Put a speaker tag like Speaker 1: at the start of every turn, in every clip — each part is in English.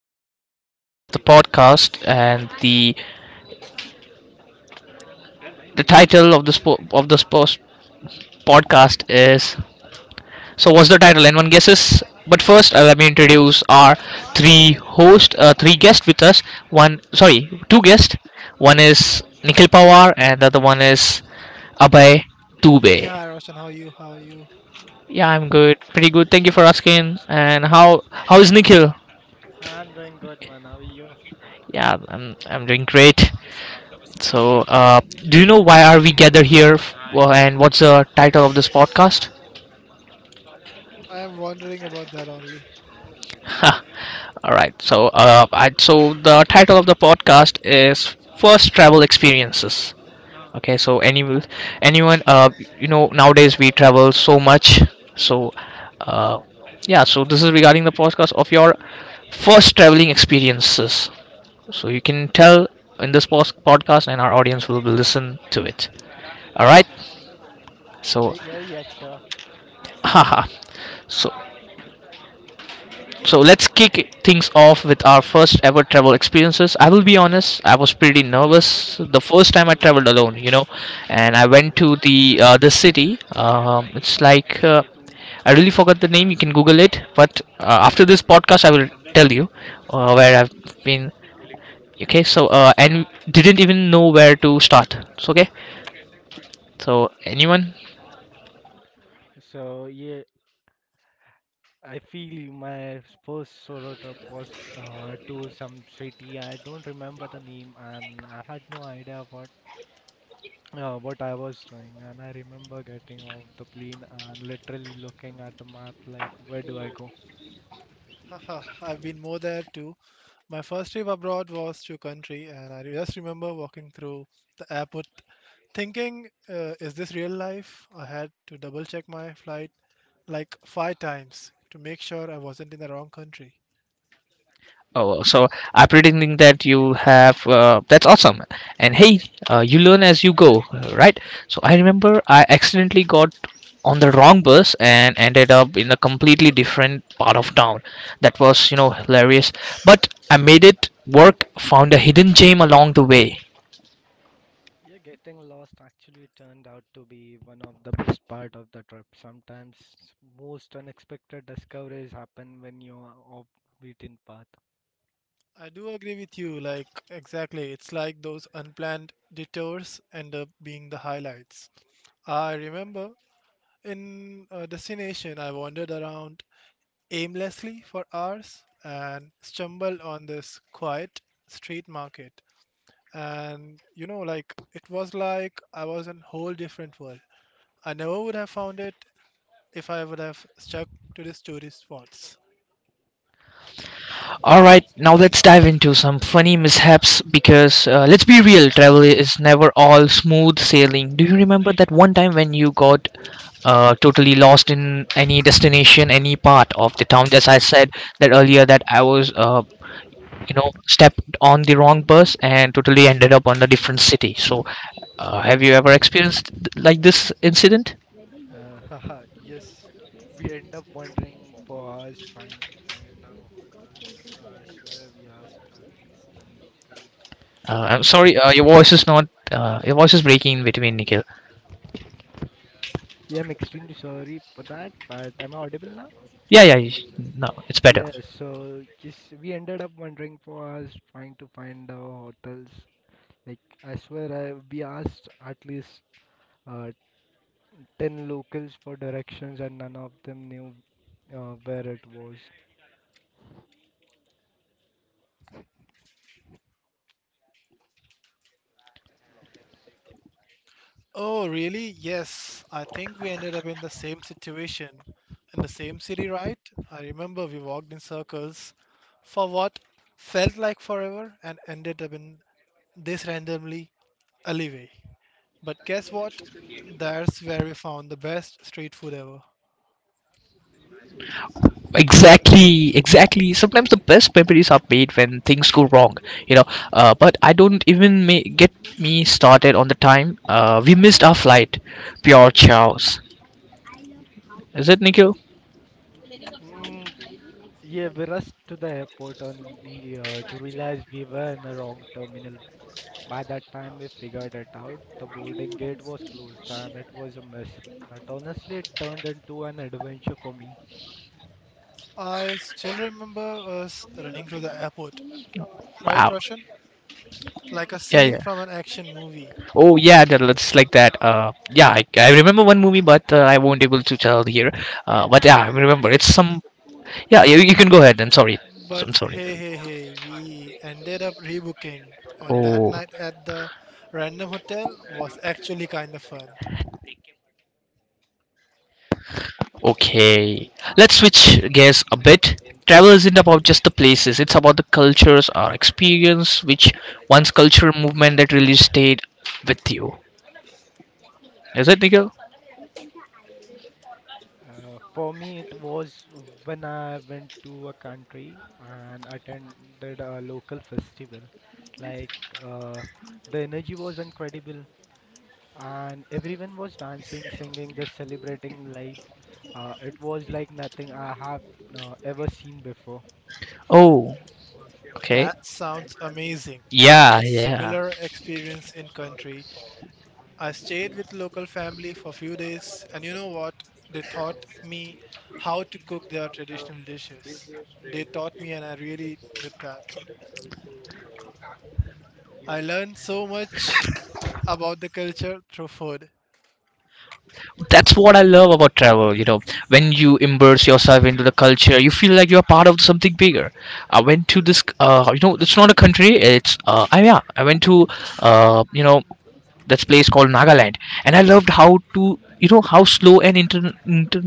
Speaker 1: this episode of the podcast, and the title of this post podcast is. So, what's the title? Anyone guesses? But first, let me introduce our three guests with us. Two guests. One is Nikhil Pawar, and the other one is Abhay
Speaker 2: Hey,
Speaker 1: Dubey.
Speaker 2: hi Roshan, how are you? How are you?
Speaker 1: Yeah, I'm good, pretty good. Thank you for asking. And how is Nikhil?
Speaker 3: I'm doing good, man. How are you?
Speaker 1: Yeah, I'm doing great. So, do you know why are we gathered here, and what's the title of this podcast?
Speaker 2: I am
Speaker 3: She-
Speaker 2: wondering about that only.
Speaker 1: Ha,
Speaker 3: Hey,
Speaker 1: all right. So, so the title of the podcast is first travel experiences. Okay. So, anyone, nowadays we travel so much. So, uh, yeah. So this is regarding the podcast of your first traveling experiences. So you can tell in this podcast, and our audience will listen to it. All right. So,
Speaker 3: yeah, yeah, sure.
Speaker 1: haha. So So let's kick things off with our first ever travel experiences. I will be honest, I was pretty nervous the first time I traveled alone, and I went to the city. It's like I really forgot the name. You can Google it. But after this podcast, I will tell you where I've been. Okay, so and didn't even know where to start. So okay, so anyone
Speaker 3: Yeah, I feel my first solo trip was to some city. I don't remember the name, and I had no idea what I was doing. And I remember getting off the plane and literally looking at the map, like, where do I go?
Speaker 2: Haha, I've been more there too. My first trip abroad was to country, and I just remember walking through the airport thinking, is this real life? I had to double check my flight like five times to make sure I wasn't in the wrong country.
Speaker 1: oh, so I pretending that you have. That's awesome. And hey, you learn as you go, right? So I remember I accidentally got on the wrong bus and ended up in a completely different part of town. That was, hilarious. But I made it work. Found a hidden gem along the way.
Speaker 3: Yeah, getting lost actually turned out to be one of the best part of the trip. Sometimes most unexpected discoveries happen when you are off beaten path.
Speaker 2: I do agree with you, like, exactly. It's like those unplanned detours end up being the highlights. I remember in a destination, I wandered around aimlessly for hours and stumbled on this quiet street market. And you know, like it was like I was in a whole different world. I never would have found it if I would have stuck to these tourist spots.
Speaker 1: All right, now let's dive into some funny mishaps because let's be real, travel is never all smooth sailing. Do you remember that one time when you got totally lost in any destination, any part of the town? As I said that earlier, that I was, stepped on the wrong bus and totally ended up on a different city. So, have you ever experienced like this incident?
Speaker 3: Yes, we end up wandering for hours trying to find our hotels. I swear we asked at least 10 local not
Speaker 1: I'm sorry, your
Speaker 3: direction.
Speaker 1: voice is not, your voice is breaking in between, Nikhil.
Speaker 3: Yeah, I'm extremely sorry for that, but am I audible now?
Speaker 1: Yeah, yeah, no, it's better.
Speaker 3: Yeah, so yes, we ended up wandering for hours trying to find our hotels. Like, I swear we asked at least uh, 10 locals for directions and none of them knew where it was.
Speaker 2: Oh, really? Yes. I think we ended up in the same situation. In the same city, right? I remember we walked in circles for what felt like forever and ended up in this randomly alleyway. But guess what? That's where we found the best street food ever.
Speaker 1: Exactly, exactly, sometimes the best memories are made when things go wrong, you know but I don't even get me started on the time we missed our flight. Pure chaos. Is it, Nikhil?
Speaker 3: Mm, yeah, we rushed to the airport only to realize we were in the wrong terminal. By that time, we figured it out. The boarding gate was closed and it was a mess. But honestly, it turned into an adventure for me.
Speaker 2: I still remember us running to the airport, right,
Speaker 1: Wow.
Speaker 2: Roshan? Like a
Speaker 1: Yeah,
Speaker 2: scene
Speaker 1: yeah,
Speaker 2: from an action movie.
Speaker 1: oh yeah, that looks like that, yeah, I remember one movie but I won't able to tell here, but yeah I remember it's some. Yeah, you can go ahead, I'm sorry. So, I'm
Speaker 2: But
Speaker 1: sorry.
Speaker 2: hey, we ended up rebooking, and that
Speaker 1: Oh,
Speaker 2: night at the random hotel was actually kind of fun.
Speaker 1: okay, let's switch gears a bit. Travel isn't about just the places, it's about the cultures or experience, which one's cultural movement that really stayed with you. Is it, Nikhil?
Speaker 3: For me, it was when I went to a country and attended a local festival. Like, uh, the energy was incredible, and everyone was dancing, singing, just celebrating life. It was like nothing I have ever seen before.
Speaker 1: Oh, okay.
Speaker 2: That sounds amazing. I had
Speaker 1: Yeah,
Speaker 2: a
Speaker 1: yeah.
Speaker 2: similar experience in country. I stayed with local family for a few days, and you know what? They taught me how to cook their traditional dishes. They taught me, and I really did that. I learned so much about the culture through food.
Speaker 1: That's what I love about travel, you know. When you immerse yourself into the culture, you feel like you're part of something bigger. I went to this, it's not a country, it's, yeah, I went to, uh, you know, that's place called Nagaland, and I loved how to you know how slow and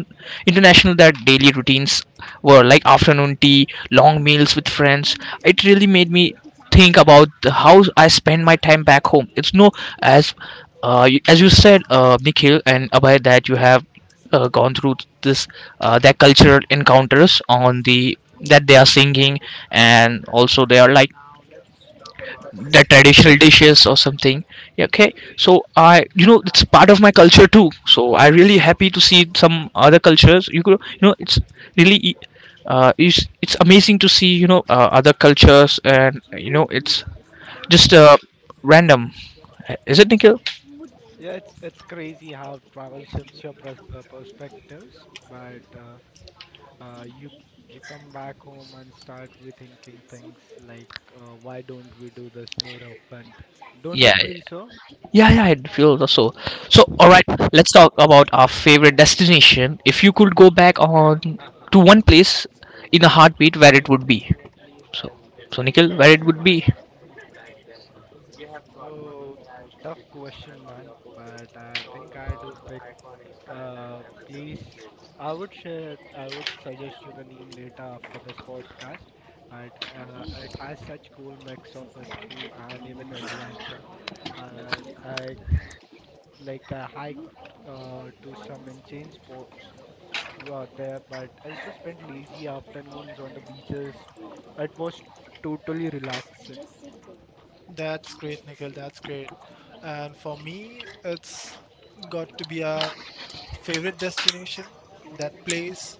Speaker 1: international that daily routines were, like afternoon tea, long meals with friends. It really made me think about the, how I spend my time back home. It's no as, as you said, Nikhil and Abhay, that you have gone through this, their cultural encounters on the that they are singing, and also they are like the traditional dishes or something. Yeah, okay, so I you know it's part of my culture too, so I really happy to see some other cultures, you could you know it's really it's amazing to see you know other cultures and you know it's just random. Is it, Nikhil?
Speaker 3: Yeah, it's crazy how travel shifts your perspectives, but uh, you you come back home and start rethinking things like why don't we do this more often? Don't you
Speaker 1: Yeah,
Speaker 3: feel so?
Speaker 1: yeah, yeah, I feel also. So all right, let's talk about our favorite destination. If you could go back on to one place in a heartbeat, where it would be? So, so Nikhil, where it would be?
Speaker 3: Oh, tough question, man. But I think I do pick. uh, please, I would share, I would suggest you the name later after this podcast. But it has such cool mix of history and even adventure. I can like I hike, to some insane spots there, but also spent lazy afternoons on the beaches. It was totally relaxing.
Speaker 2: That's great, Nikhil. That's great. And for me, it's got to be a favorite destination. That place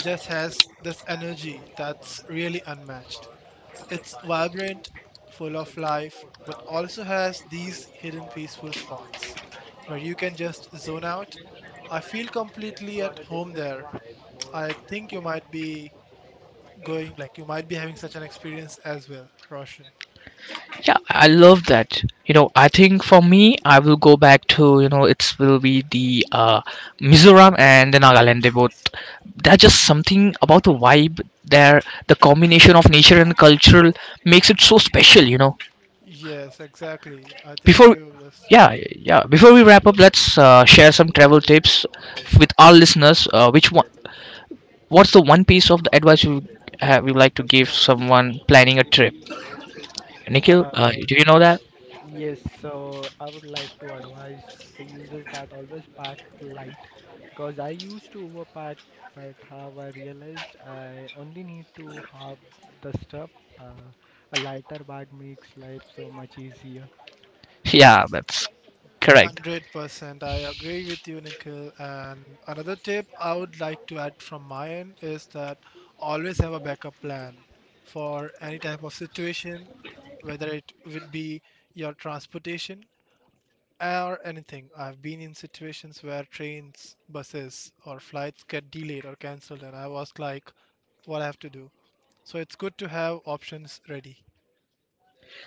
Speaker 2: just has this energy that's really unmatched. It's vibrant, full of life, but also has these hidden peaceful spots where you can just zone out. I feel completely at home there. I think you might be going, like, you might be having such an experience as well, Roshan.
Speaker 1: Yeah, I love that. You know, I think for me, I will go back to you know, it's will be the Mizoram and the Nagaland. They both, that's just something about the vibe there. The combination of nature and cultural makes it so special. You know,
Speaker 2: Yes, exactly. I think
Speaker 1: before
Speaker 2: you just
Speaker 1: yeah yeah before we wrap up, let's share some travel tips with our listeners. Which one? What's the one piece of the advice you have you like to give someone planning a trip? Nikhil,
Speaker 3: Uh,
Speaker 1: do you know that?
Speaker 3: yes, so I would like to advise the users that always pack light because I used to overpack, but have I realized I only need to have the stuff. Uh, a lighter bag makes life so much easier.
Speaker 1: Yeah, that's correct.
Speaker 2: 100%. I agree with you, Nikhil. And another tip I would like to add from my end is that always have a backup plan for any type of situation, whether it would be your transportation or anything. I've been in situations where trains, buses, or flights get delayed or cancelled, and I was like, what I have to do. So it's good to have options ready.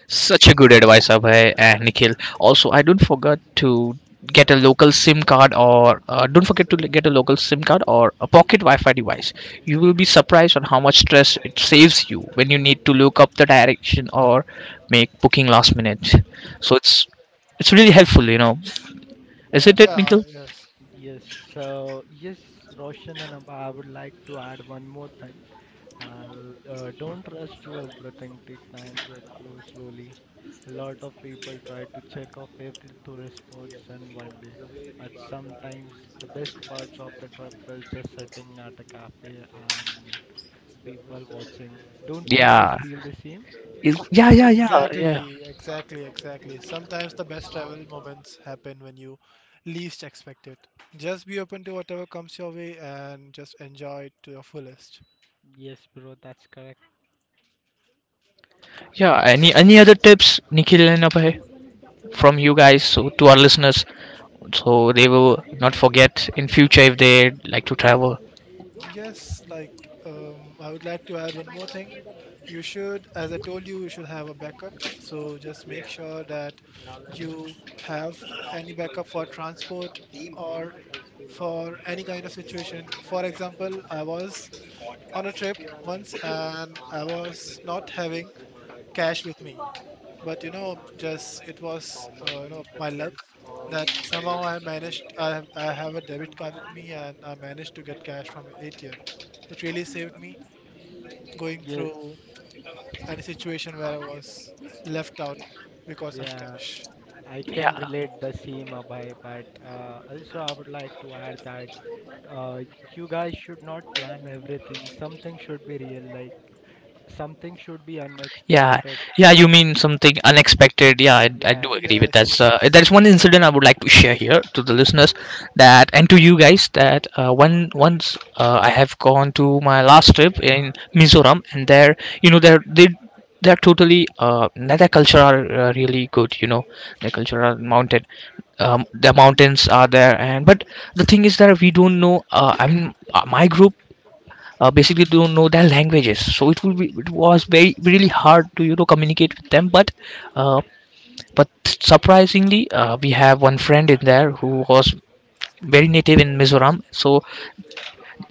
Speaker 1: Such a good advice, Abhay and Nikhil. Also, I don't forget to get a local SIM card or don't forget to get a local SIM card or a pocket Wi-Fi device. You will be surprised on how much stress it saves you when you need to look up the direction or make booking last minute. So it's really helpful, you know, isn't it,
Speaker 3: Uh,
Speaker 2: Yeah,
Speaker 1: Nikhil?
Speaker 2: yes.
Speaker 3: yes, yes, Roshan and Abha, I would like to add one more thing. And don't rush through everything. Take time to explore slowly. A lot of people try to check off every tourist spots in one day, but sometimes the best parts of the trip is just sitting at a cafe and people watching. Don't you guys
Speaker 1: Yeah,
Speaker 3: feel the same?
Speaker 1: Yeah, yeah, yeah, yeah,
Speaker 2: Exactly, exactly, exactly. Sometimes the best travel moments happen when you least expect it. Just be open to whatever comes your way and just enjoy it to your fullest.
Speaker 3: Yes, bro, that's correct.
Speaker 1: yeah. Any other tips, Nikhil and Abhay, from you guys so to our listeners so they will not forget in future if they like to travel?
Speaker 2: Yes, like I would like to add one more thing. You should, as I told you, you should have a backup. So just make sure that you have any backup for transport or for any kind of situation. For example, I was on a trip once and I was not having cash with me. But you know, just it was my luck that somehow I managed. I have a debit card with me, and I managed to get cash from an ATM. It really saved me going
Speaker 3: Yes.
Speaker 2: through any situation where I was left out because of
Speaker 3: Yeah,
Speaker 2: cash.
Speaker 3: I can
Speaker 1: Yeah,
Speaker 3: relate the same, Abhay, but also I would like to add that uh, you guys should not plan everything. Something should be real, like something should be
Speaker 1: yeah,
Speaker 3: unexpected.
Speaker 1: yeah, you mean something unexpected. Yeah, I do
Speaker 3: Yeah,
Speaker 1: agree with
Speaker 2: Yes,
Speaker 1: that. So that's
Speaker 2: yes.
Speaker 1: one incident I would like to share here to the listeners that, and to you guys, that one once I have gone to my last trip in Mizoram and there you know there they they're totally their culture are really good you know, their culture are mounted, the mountains are there and but the thing is that we don't know, I'm my group basically don't know their languages, so it will be it was very really hard to you know communicate with them, uh, but surprisingly we have one friend in there who was very native in Mizoram, so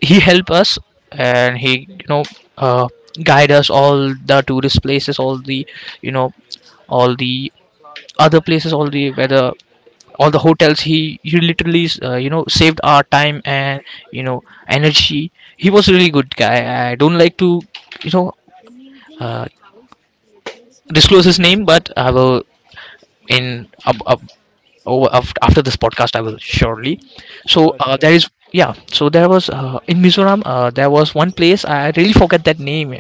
Speaker 1: he helped us and he you know uh, guide us all the tourist places, all the you know all the other places, all the whether all the hotels, he literally saved our time and you know energy. He was a really good guy. I don't like to you know uh, disclose his name, but I will in up. Oh, well, after this podcast, I will surely. So
Speaker 3: sure,
Speaker 1: there
Speaker 3: sure.
Speaker 1: is, yeah. So there was in Mizoram, there was one place. I really forget that name.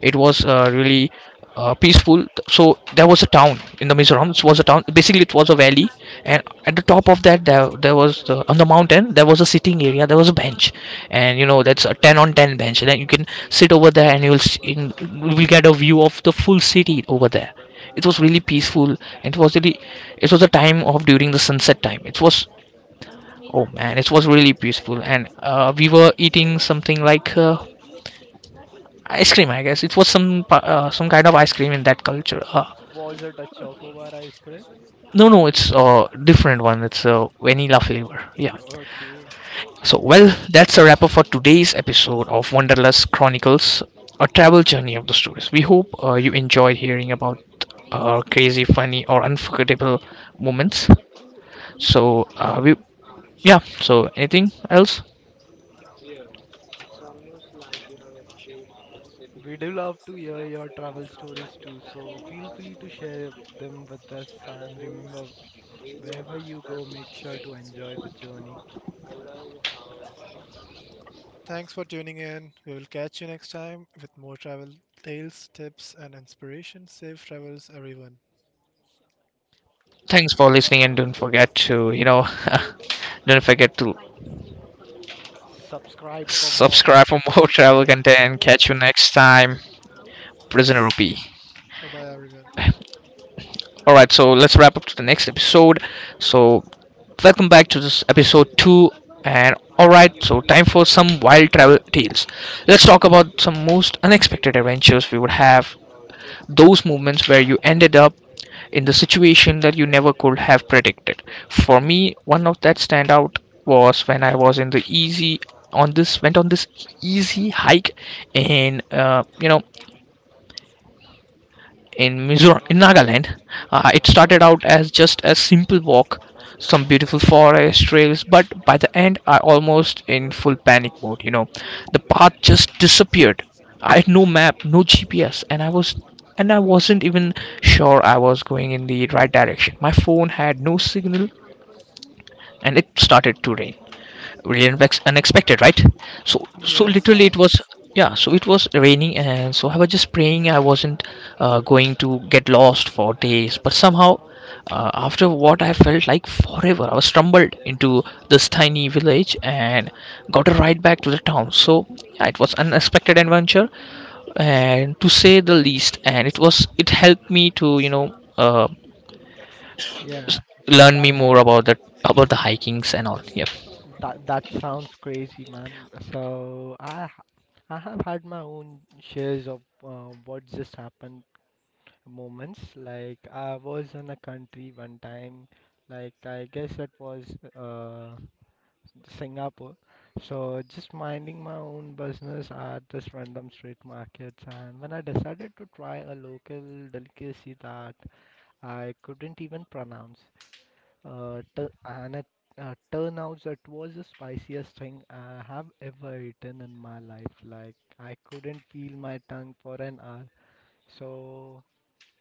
Speaker 1: It was really peaceful. So there was a town in the Mizoram. It was a town. Basically, it was a valley, and at the top of that, there was on the mountain. There was a sitting area. There was a bench, and you know that's a ten on ten bench. And then you can sit over there, and you'll you will get a view of the full city over there. It was really peaceful, and it was really, it was a time of during the sunset time. It was, oh man, it was really peaceful. And we were eating something like ice cream, I guess it was some some kind of ice cream in that culture.
Speaker 3: Was it a chocobar ice cream?
Speaker 1: No, no, it's a different one, it's a vanilla flavor, yeah.
Speaker 3: Okay.
Speaker 1: So well, that's a wrap up for today's episode of Wanderlust Chronicles, a travel journey of the stories we hope you enjoyed hearing about, crazy funny or unforgettable moments. So we yeah, so anything else?
Speaker 3: We do love to hear your travel stories too, so feel free to share them with us. And remember, wherever you go, make sure to enjoy the journey.
Speaker 2: Thanks for tuning in. We will catch you next time with more travel tales, tips, and inspiration. Safe travels, everyone.
Speaker 1: Thanks for listening, and don't forget to don't forget to
Speaker 3: Subscribe for more
Speaker 1: subscribe for
Speaker 3: amazing
Speaker 1: more travel
Speaker 3: travel
Speaker 1: content. Catch
Speaker 3: content.
Speaker 1: you next time. Prisoner
Speaker 2: Yes.
Speaker 1: rupee.
Speaker 2: Bye bye, everyone.
Speaker 1: All right, so let's wrap up to the next episode. So welcome back to this episode 2. And all right, so time for some wild travel tales. Let's talk about some most unexpected adventures we would have, those moments where you ended up in the situation that you never could have predicted. For me, one of that standout was when I was in the easy on this went on this easy hike and in Mizoram, in Nagaland. It started out as just a simple walk, some beautiful forest trails, but by the end, I almost in full panic mode. You know, the path just disappeared. I had no map, no GPS, and I wasn't even sure I was going in the right direction. My phone had no signal, and it started to rain really unexpected, right? So
Speaker 2: Yes,
Speaker 1: literally it
Speaker 2: I
Speaker 1: was, yeah, so it was raining, and so I was just praying I wasn't going to get lost for days. But somehow, after what I felt like forever, I was stumbled into this tiny village and got a ride back to the town. So yeah, it was unexpected adventure, and to say the least, and it was, it helped me to
Speaker 3: Yeah,
Speaker 1: learn
Speaker 3: that
Speaker 1: me more about the hikings and all. Yep.
Speaker 3: that sounds crazy, man. So I have had my own shares of what just happened moments. Like I was in a country one time, like I guess it was uh, Singapore. So just minding my own business at this random street markets, and when I decided to try a local delicacy that I couldn't even pronounce, tu- and it turned out it was the spiciest thing I have ever eaten in my life. Like I couldn't feel my tongue for an hour. So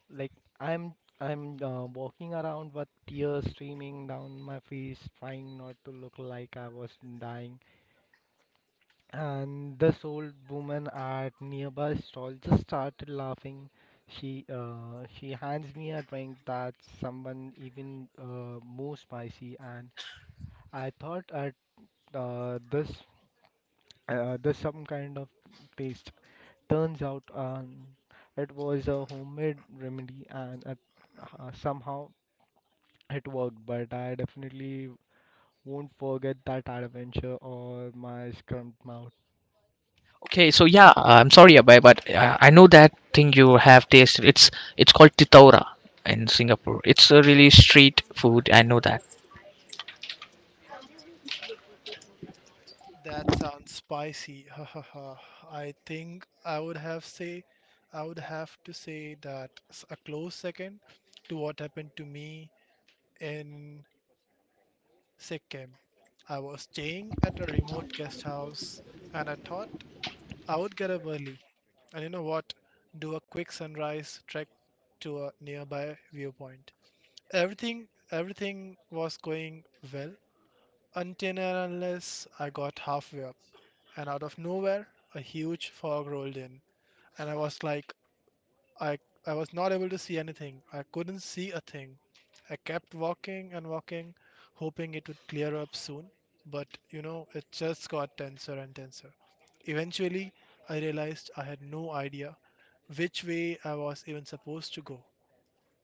Speaker 3: like I'm I'm walking around with tears streaming down my face, trying not to look like I was dying. And this old woman at nearby stall just started laughing. She hands me a drink that's someone even more spicy and I thought at uh, this this some kind of taste. Turns out it was a homemade remedy, and it, somehow it worked. But I definitely won't forget that adventure or my scrumped mouth.
Speaker 1: Okay, so yeah, I'm sorry, Abhay, but I know that thing you have tasted. It's called titaura in Singapore. It's a really street food. I know that.
Speaker 2: That sounds spicy. Ha ha ha. I think I would have say I would have to say that a close second to what happened to me in Sikkim. I was staying at a remote guest house and I thought I would get up early and you know what? Do a quick sunrise trek to a nearby viewpoint. Everything was going well until and unless I got halfway up. And out of nowhere, a huge fog rolled in and I was like, i I was not able to see anything. I couldn't see a thing. I kept walking and walking, hoping it would clear up soon, but you know, it just got denser and denser. Eventually I realized I had no idea which way I was even supposed to go,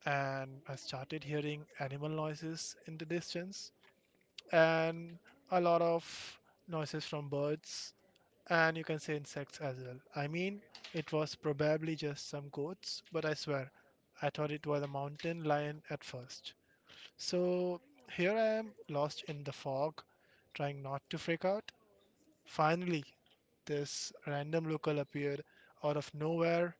Speaker 2: and I started hearing animal noises in the distance, and a lot of noises from birds, and you can say insects as well. I mean, it was probably just some goats, but I swear, I thought it was a mountain lion at first. So here I am, lost in the fog, trying not to freak out. Finally, this random local appeared out of nowhere,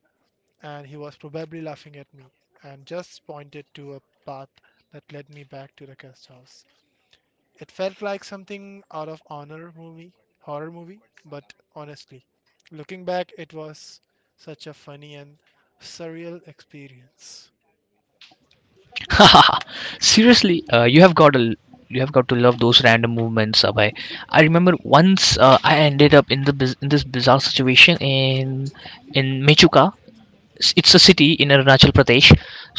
Speaker 2: and he was probably laughing at me and just pointed to a path that led me back to the guest house. It felt like something out of horror movie, but honestly, looking back, it was such a funny and surreal experience.
Speaker 1: Seriously, you have got to, you have got to love those random movements, Abhay. I remember once, I ended up in the in this bizarre situation in Mechuka. It's a city in Arunachal Pradesh.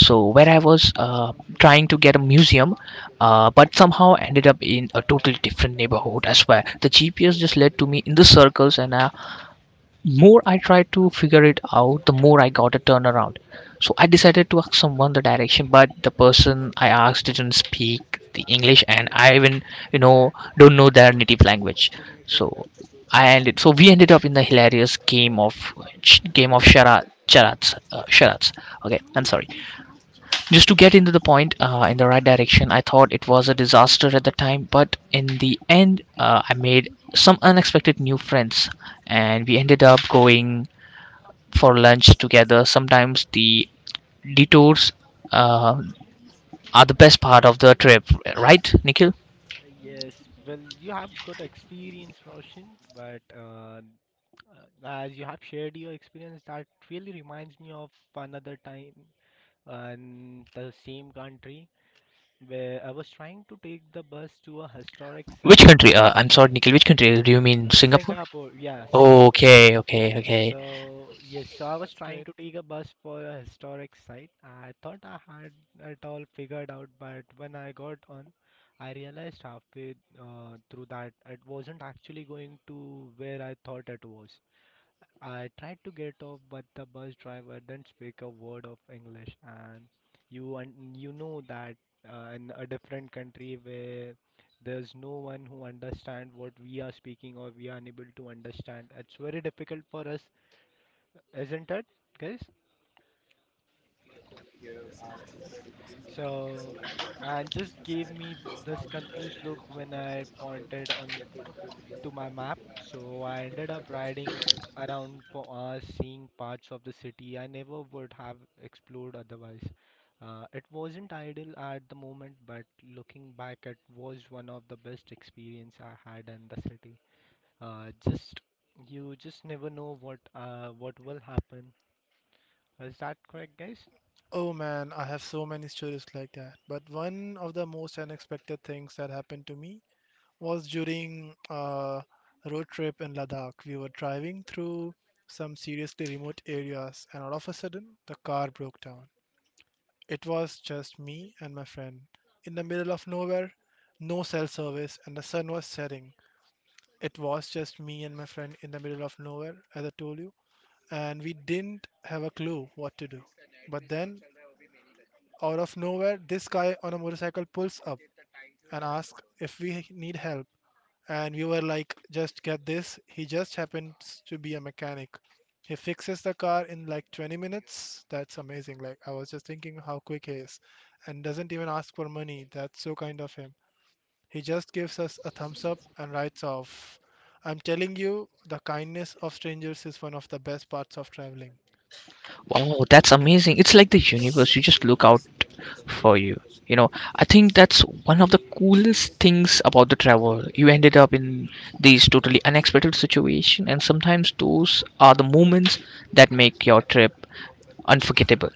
Speaker 1: So where I was trying to get a museum, but somehow ended up in a totally different neighborhood. I swear, the GPS just led to me in the circles, and I, more I tried to figure it out, the more I got a turnaround. So I decided to ask someone the direction, but the person I asked didn't speak the English, and I even, you know, don't know their native language. So I ended. So we ended up in the hilarious game of charades. Charades. Charades. Okay, I'm sorry, just to get into the point, in the right direction. I thought it was a disaster at the time, but in the end, I made some unexpected new friends and we ended up going for lunch together. Sometimes the detours, uh, are the best part of the trip, right, Nikhil?
Speaker 3: Yes, well, you have got experience, Roshan, but as you have shared your experience, that really reminds me of another time in the same country where I was trying to take the bus to a historic
Speaker 1: Which
Speaker 3: site.
Speaker 1: country, I'm sorry, Nikhil, which country do you mean? Singapore?
Speaker 3: Singapore. Yeah, Singapore.
Speaker 1: Okay, okay, okay.
Speaker 3: So, yes, so I was
Speaker 2: That's
Speaker 3: trying
Speaker 2: great.
Speaker 3: to take a bus for a historic site. I thought I had it all figured out, but when I got on, I realized halfway through that it wasn't actually going to where I thought it was. I tried to get off, but the bus driver didn't speak a word of English, and you know that in a different country where there's no one who understand what we are speaking or we are unable to understand, it's very difficult for us, isn't it, guys? So, and just gave me this confused look when I pointed on to my map. So I ended up riding around for hours, seeing parts of the city I never would have explored otherwise. It wasn't ideal at the moment, but looking back, it was one of the best experience I had in the city. Just You just never know what will happen. Is that correct, guys?
Speaker 2: Oh man, I have so many stories like that. But one of the most unexpected things that happened to me was during a road trip in Ladakh. We were driving through some seriously remote areas, and all of a sudden, the car broke down. It was just me and my friend. In the middle of nowhere, no cell service, and the sun was setting. It was just me and my friend in the middle of nowhere, as I told you, and we didn't have a clue what to do. But then, out of nowhere, this guy on a motorcycle pulls up and asks if we need help, and we were like, just get this, he just happens to be a mechanic. He fixes the car in like 20 minutes. That's amazing. Like, I was just thinking how quick he is, and doesn't even ask for money. That's so kind of him. He just gives us a thumbs up and writes off. I'm telling you, the kindness of strangers is one of the best parts of traveling.
Speaker 1: Wow, that's amazing. It's like the universe, you just look out for you. You know, I think that's one of the coolest things about the travel. You ended up in these totally unexpected situation, and sometimes those are the moments that make your trip unforgettable.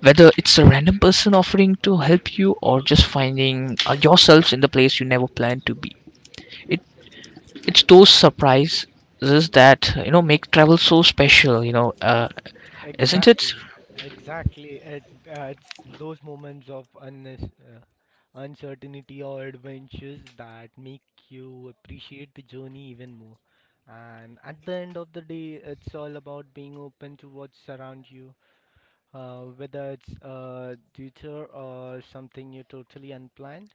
Speaker 1: Whether it's a random person offering to help you, or just finding yourselves in the place you never planned to be. It it's those surprises that, you know, make travel so special, you know, isn't it?
Speaker 3: Exactly, exactly. It adds those moments of uncertainty or adventures that make you appreciate the journey even more. And at the end of the day, it's all about being open to what's around you, whether it's a detour or something you totally unplanned.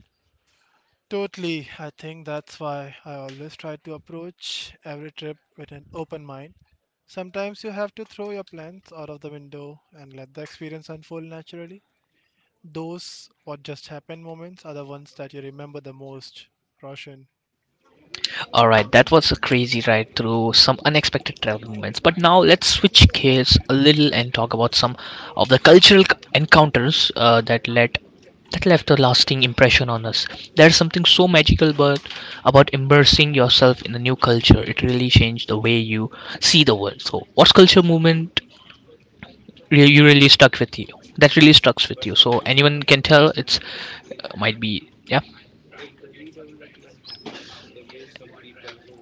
Speaker 2: Totally. I think that's why I always try to approach every trip with an open mind. Sometimes you have to throw your plans out of the window and let the experience unfold naturally. Those what just happened moments are the ones that you remember the most, Roshan.
Speaker 1: All right, that was a crazy ride through some unexpected travel moments. But now let's switch gears a little and talk about some of the cultural encounters that left a lasting impression on us. There's something so magical but about immersing yourself in a new culture. It really changed the way you see the world. So, what's culture movement you really stuck with you? That really stuck with you. So anyone can tell, it's might be, yeah.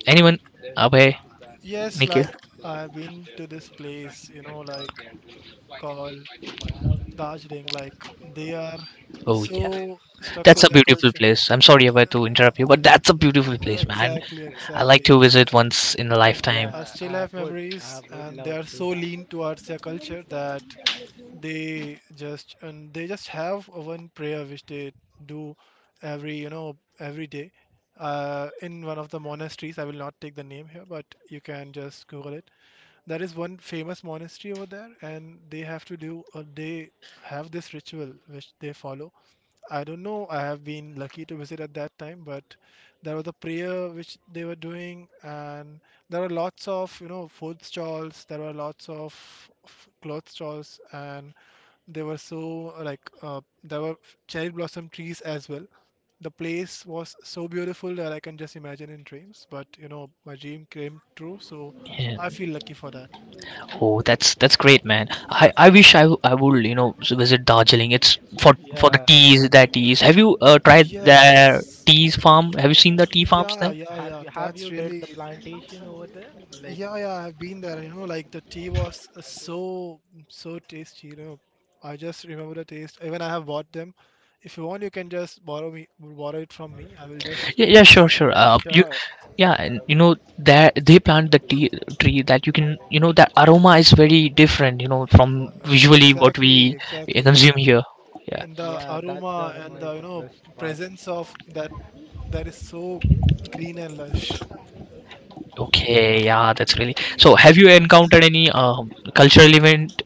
Speaker 1: Anyone? Abhay,
Speaker 2: Yes,
Speaker 1: Nikhil.
Speaker 2: like I've been to this place, you know, like called Darjeeling, like they are
Speaker 1: Oh yeah.
Speaker 2: so stuck
Speaker 1: That's
Speaker 2: to
Speaker 1: a
Speaker 2: their
Speaker 1: beautiful
Speaker 2: culture.
Speaker 1: place. I'm sorry if I to interrupt you, but that's a beautiful place, man.
Speaker 2: Exactly,
Speaker 1: I like
Speaker 2: exactly.
Speaker 1: to visit once in a
Speaker 2: Uh,
Speaker 1: lifetime.
Speaker 2: I
Speaker 3: Yeah,
Speaker 2: still have
Speaker 3: I
Speaker 2: memories,
Speaker 3: would
Speaker 2: and they
Speaker 3: love
Speaker 2: are
Speaker 3: to.
Speaker 2: so lean towards their culture that they just and they just have a one prayer which they do every you know every day in one of the monasteries. I will not take the name here, but you can just google it. There is one famous monastery over there and they have to do, or they have this ritual which they follow. I don't know, I have been lucky to visit at that time, but there was a prayer which they were doing, and there were lots of, you know, food stalls, there were lots of clothes stalls, and they were so like there were cherry blossom trees as well. The place was so beautiful that I can just imagine in dreams. But you know, my dream came true, so
Speaker 1: Yeah.
Speaker 2: I feel lucky for that.
Speaker 1: Oh, that's great, man. I wish I, I would, you know, visit Darjeeling. It's for the
Speaker 3: Yeah.
Speaker 1: teas, their teas. Have you tried their
Speaker 2: Yes.
Speaker 1: teas farm? Have you seen the tea farms
Speaker 2: Yeah,
Speaker 1: there?
Speaker 2: yeah, yeah.
Speaker 3: Have
Speaker 2: That's
Speaker 3: you did
Speaker 2: really
Speaker 3: the plantation over there? Like,
Speaker 2: yeah, yeah. I've been there, you know, like the tea was so so tasty, you know. I just remember the taste. Even I have bought them. If you want, you can just borrow it from me. I will just
Speaker 1: Yeah, yeah, sure, sure.
Speaker 3: yeah,
Speaker 1: You,
Speaker 3: sure.
Speaker 1: yeah, and you know there they plant the tea tree that you can, you know, that aroma is very different. You know, from visually what
Speaker 2: exactly,
Speaker 1: we
Speaker 2: exactly.
Speaker 1: consume here. Yeah.
Speaker 2: And the
Speaker 3: Yeah, that's
Speaker 2: aroma
Speaker 3: Dharma
Speaker 2: and the
Speaker 3: is
Speaker 2: you
Speaker 3: the
Speaker 2: know
Speaker 3: best part.
Speaker 2: presence of that, that is so green and lush.
Speaker 1: Okay, yeah, that's really. So, have you encountered any cultural event?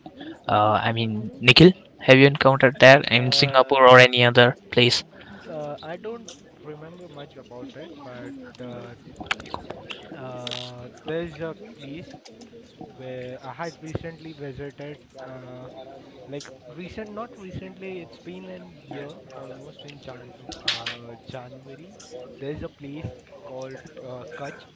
Speaker 1: I mean, Nikhil, have you encountered that in Singapore
Speaker 3: Uh,
Speaker 1: or any other place?
Speaker 3: I don't remember much about it, but uh, there's a place where I had recently visited. Uh, like recent, not recently. It's been an year almost in January. There's a place called Kutch,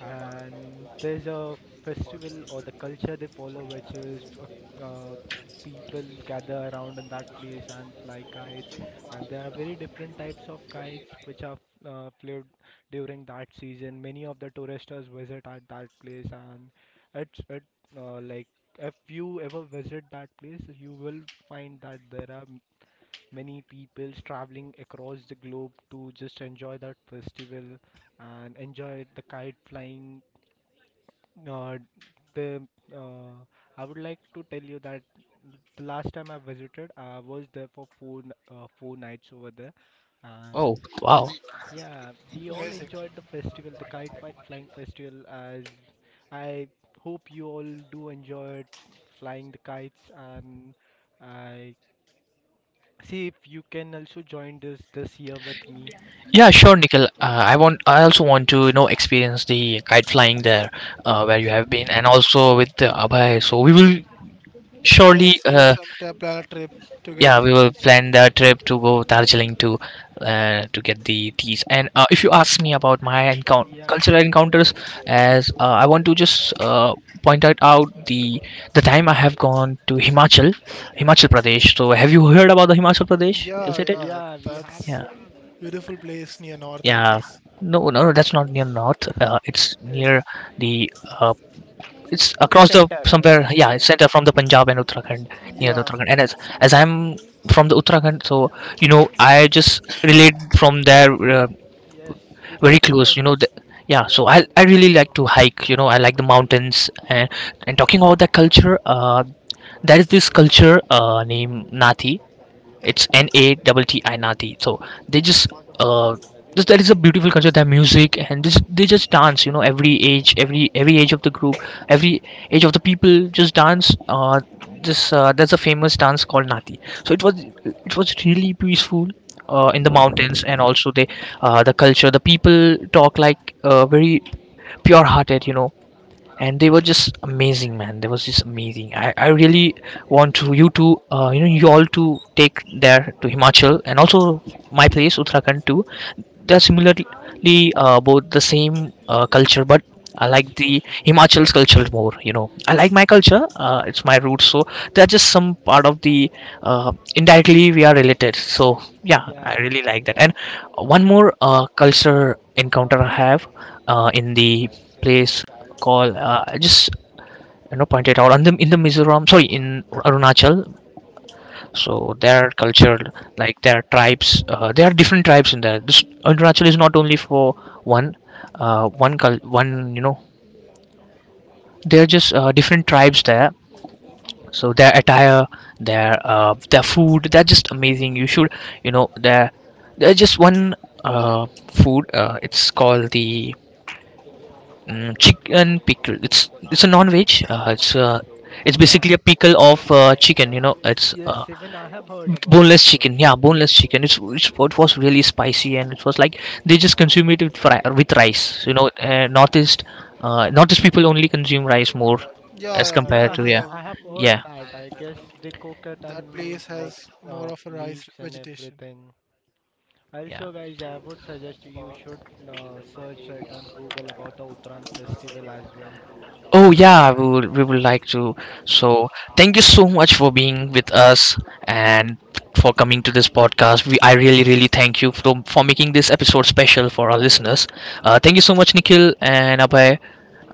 Speaker 3: and there's a festival or the culture they follow which is people gather around in that place and fly kites, and there are very different types of kites which are flew during that season. Many of the tourists visit at that place, and it's it like if you ever visit that place you will find that there are many people traveling across the globe to just enjoy that festival and enjoy the kite flying. Uh, the uh, I would like to tell you that the last time I visited, I was there for four nights over there, and
Speaker 1: Oh, wow.
Speaker 3: we yeah we all
Speaker 2: Amazing.
Speaker 3: enjoyed the festival, the kite flying festival. As I hope you all do enjoy flying the kites, and I see if you can also join this this year with me.
Speaker 1: Yeah,
Speaker 3: You
Speaker 1: sure, Nikhil. I want. I also want to, you know, experience the kite flying there, where you have been, and also with Abhay. So we will surely
Speaker 2: Yes, you some tap planet trip
Speaker 1: yeah,
Speaker 2: together.
Speaker 1: we will plan the trip to go Darjeeling to get the teas. And if you ask me about my encounter,
Speaker 3: yeah
Speaker 1: cultural encounters, as I want to just point out the time I have gone to Himachal, Himachal Pradesh. So have you heard about the Himachal Pradesh? Is
Speaker 2: Yeah,
Speaker 1: it it?
Speaker 2: yeah,
Speaker 3: yeah we have We
Speaker 2: that's
Speaker 1: Yeah,
Speaker 3: have
Speaker 2: beautiful place near north, I
Speaker 1: yeah.
Speaker 2: guess.
Speaker 1: No, no, no, that's not near north. It's near
Speaker 3: it's
Speaker 1: the uh, it's across the
Speaker 3: Center,
Speaker 1: somewhere,
Speaker 3: it's
Speaker 1: yeah, it's
Speaker 3: center.
Speaker 1: center from the Punjab and Uttarakhand, near
Speaker 3: Yeah.
Speaker 1: the
Speaker 2: Yeah,
Speaker 1: Uttarakhand. And as I'm from the Uttarakhand, so you know I just relate from there. uh,
Speaker 3: Yes, we
Speaker 1: very
Speaker 3: completely
Speaker 1: close, you know, the,
Speaker 3: understand.
Speaker 1: yeah, so I really like to hike, you know, I like the mountains, and talking about that culture, there is this culture named Nati. It's NATTI, Nati. So they uh just, that is a beautiful culture. Their music and this, they just dance. You know, every age, every age of the group, every age of the people just dance. This there's a famous dance called Nati. So it was really peaceful. In the mountains, and also they, the culture, the people talk like very pure hearted, you know, and they were just amazing, man, they was just amazing. I really want to you to, you know, you all to take there to Himachal, and also my place, Uttarakhand too. They are similarly about the same culture. But I like
Speaker 3: Yes,
Speaker 1: the
Speaker 3: Roshan.
Speaker 1: Himachal's culture more, you know. I like my culture, it's my roots. So they're just some part of the uh, indirectly we are related. So yeah, I
Speaker 3: Yeah,
Speaker 1: really like that. And one more culture encounter I have in the place called, I just, you know, pointed out on the, in the Mizoram, sorry, in Arunachal. So their culture, like their tribes, there are different tribes in there. This Arunachal is not only for one one one, you know, there are just different tribes there. So their attire, their food, they're just amazing. You should, you know, their, there's just one uh, food, it's called the chicken pickle. It's a non-veg, it's
Speaker 3: yeah.
Speaker 1: basically a pickle of chicken, you know. It's
Speaker 3: Yes, even I have heard about
Speaker 1: boneless
Speaker 3: that,
Speaker 1: chicken. Yeah,
Speaker 3: Roshan.
Speaker 1: boneless chicken. It's, it was really spicy, and it was like they just consume it with, with rice, you know. Northeast, northeast people only consume rice more as
Speaker 2: yeah, yeah.
Speaker 3: Yeah,
Speaker 1: compared
Speaker 2: That
Speaker 1: to,
Speaker 2: is
Speaker 1: yeah,
Speaker 2: a
Speaker 3: I have heard
Speaker 1: yeah,
Speaker 3: that. I guess they cook it
Speaker 2: that
Speaker 3: and
Speaker 2: place
Speaker 3: like
Speaker 2: has more of a rice
Speaker 3: leaves and
Speaker 2: vegetation.
Speaker 3: everything.
Speaker 1: yeah.
Speaker 3: Also, guys, I would suggest you should search it on Google about the Uttarayan festival as well.
Speaker 1: Oh yeah, we would like to.
Speaker 3: Yes.
Speaker 1: So thank you so much for being with us, and for coming to this podcast. We I really, really thank you for making this episode special for our listeners. Thank you so much, Nikhil and Abhay.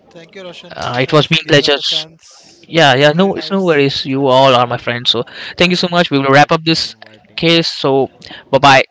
Speaker 2: Thank you, Roshan. Thank you
Speaker 1: It
Speaker 2: so
Speaker 1: was
Speaker 3: Thank
Speaker 2: much
Speaker 1: been
Speaker 2: for
Speaker 3: you.
Speaker 2: giving us
Speaker 1: pleasure.
Speaker 2: a chance.
Speaker 1: Yeah,
Speaker 2: It
Speaker 1: yeah,
Speaker 2: was really
Speaker 1: no, it's no
Speaker 2: nice.
Speaker 1: worries. You all are my
Speaker 3: Thank
Speaker 1: friends. So thank you so
Speaker 3: Thank you
Speaker 1: much. We will
Speaker 3: so
Speaker 1: wrap
Speaker 3: much
Speaker 1: up
Speaker 3: for
Speaker 1: this
Speaker 3: inviting us,
Speaker 1: case. So bye,
Speaker 3: Roshan.
Speaker 1: bye.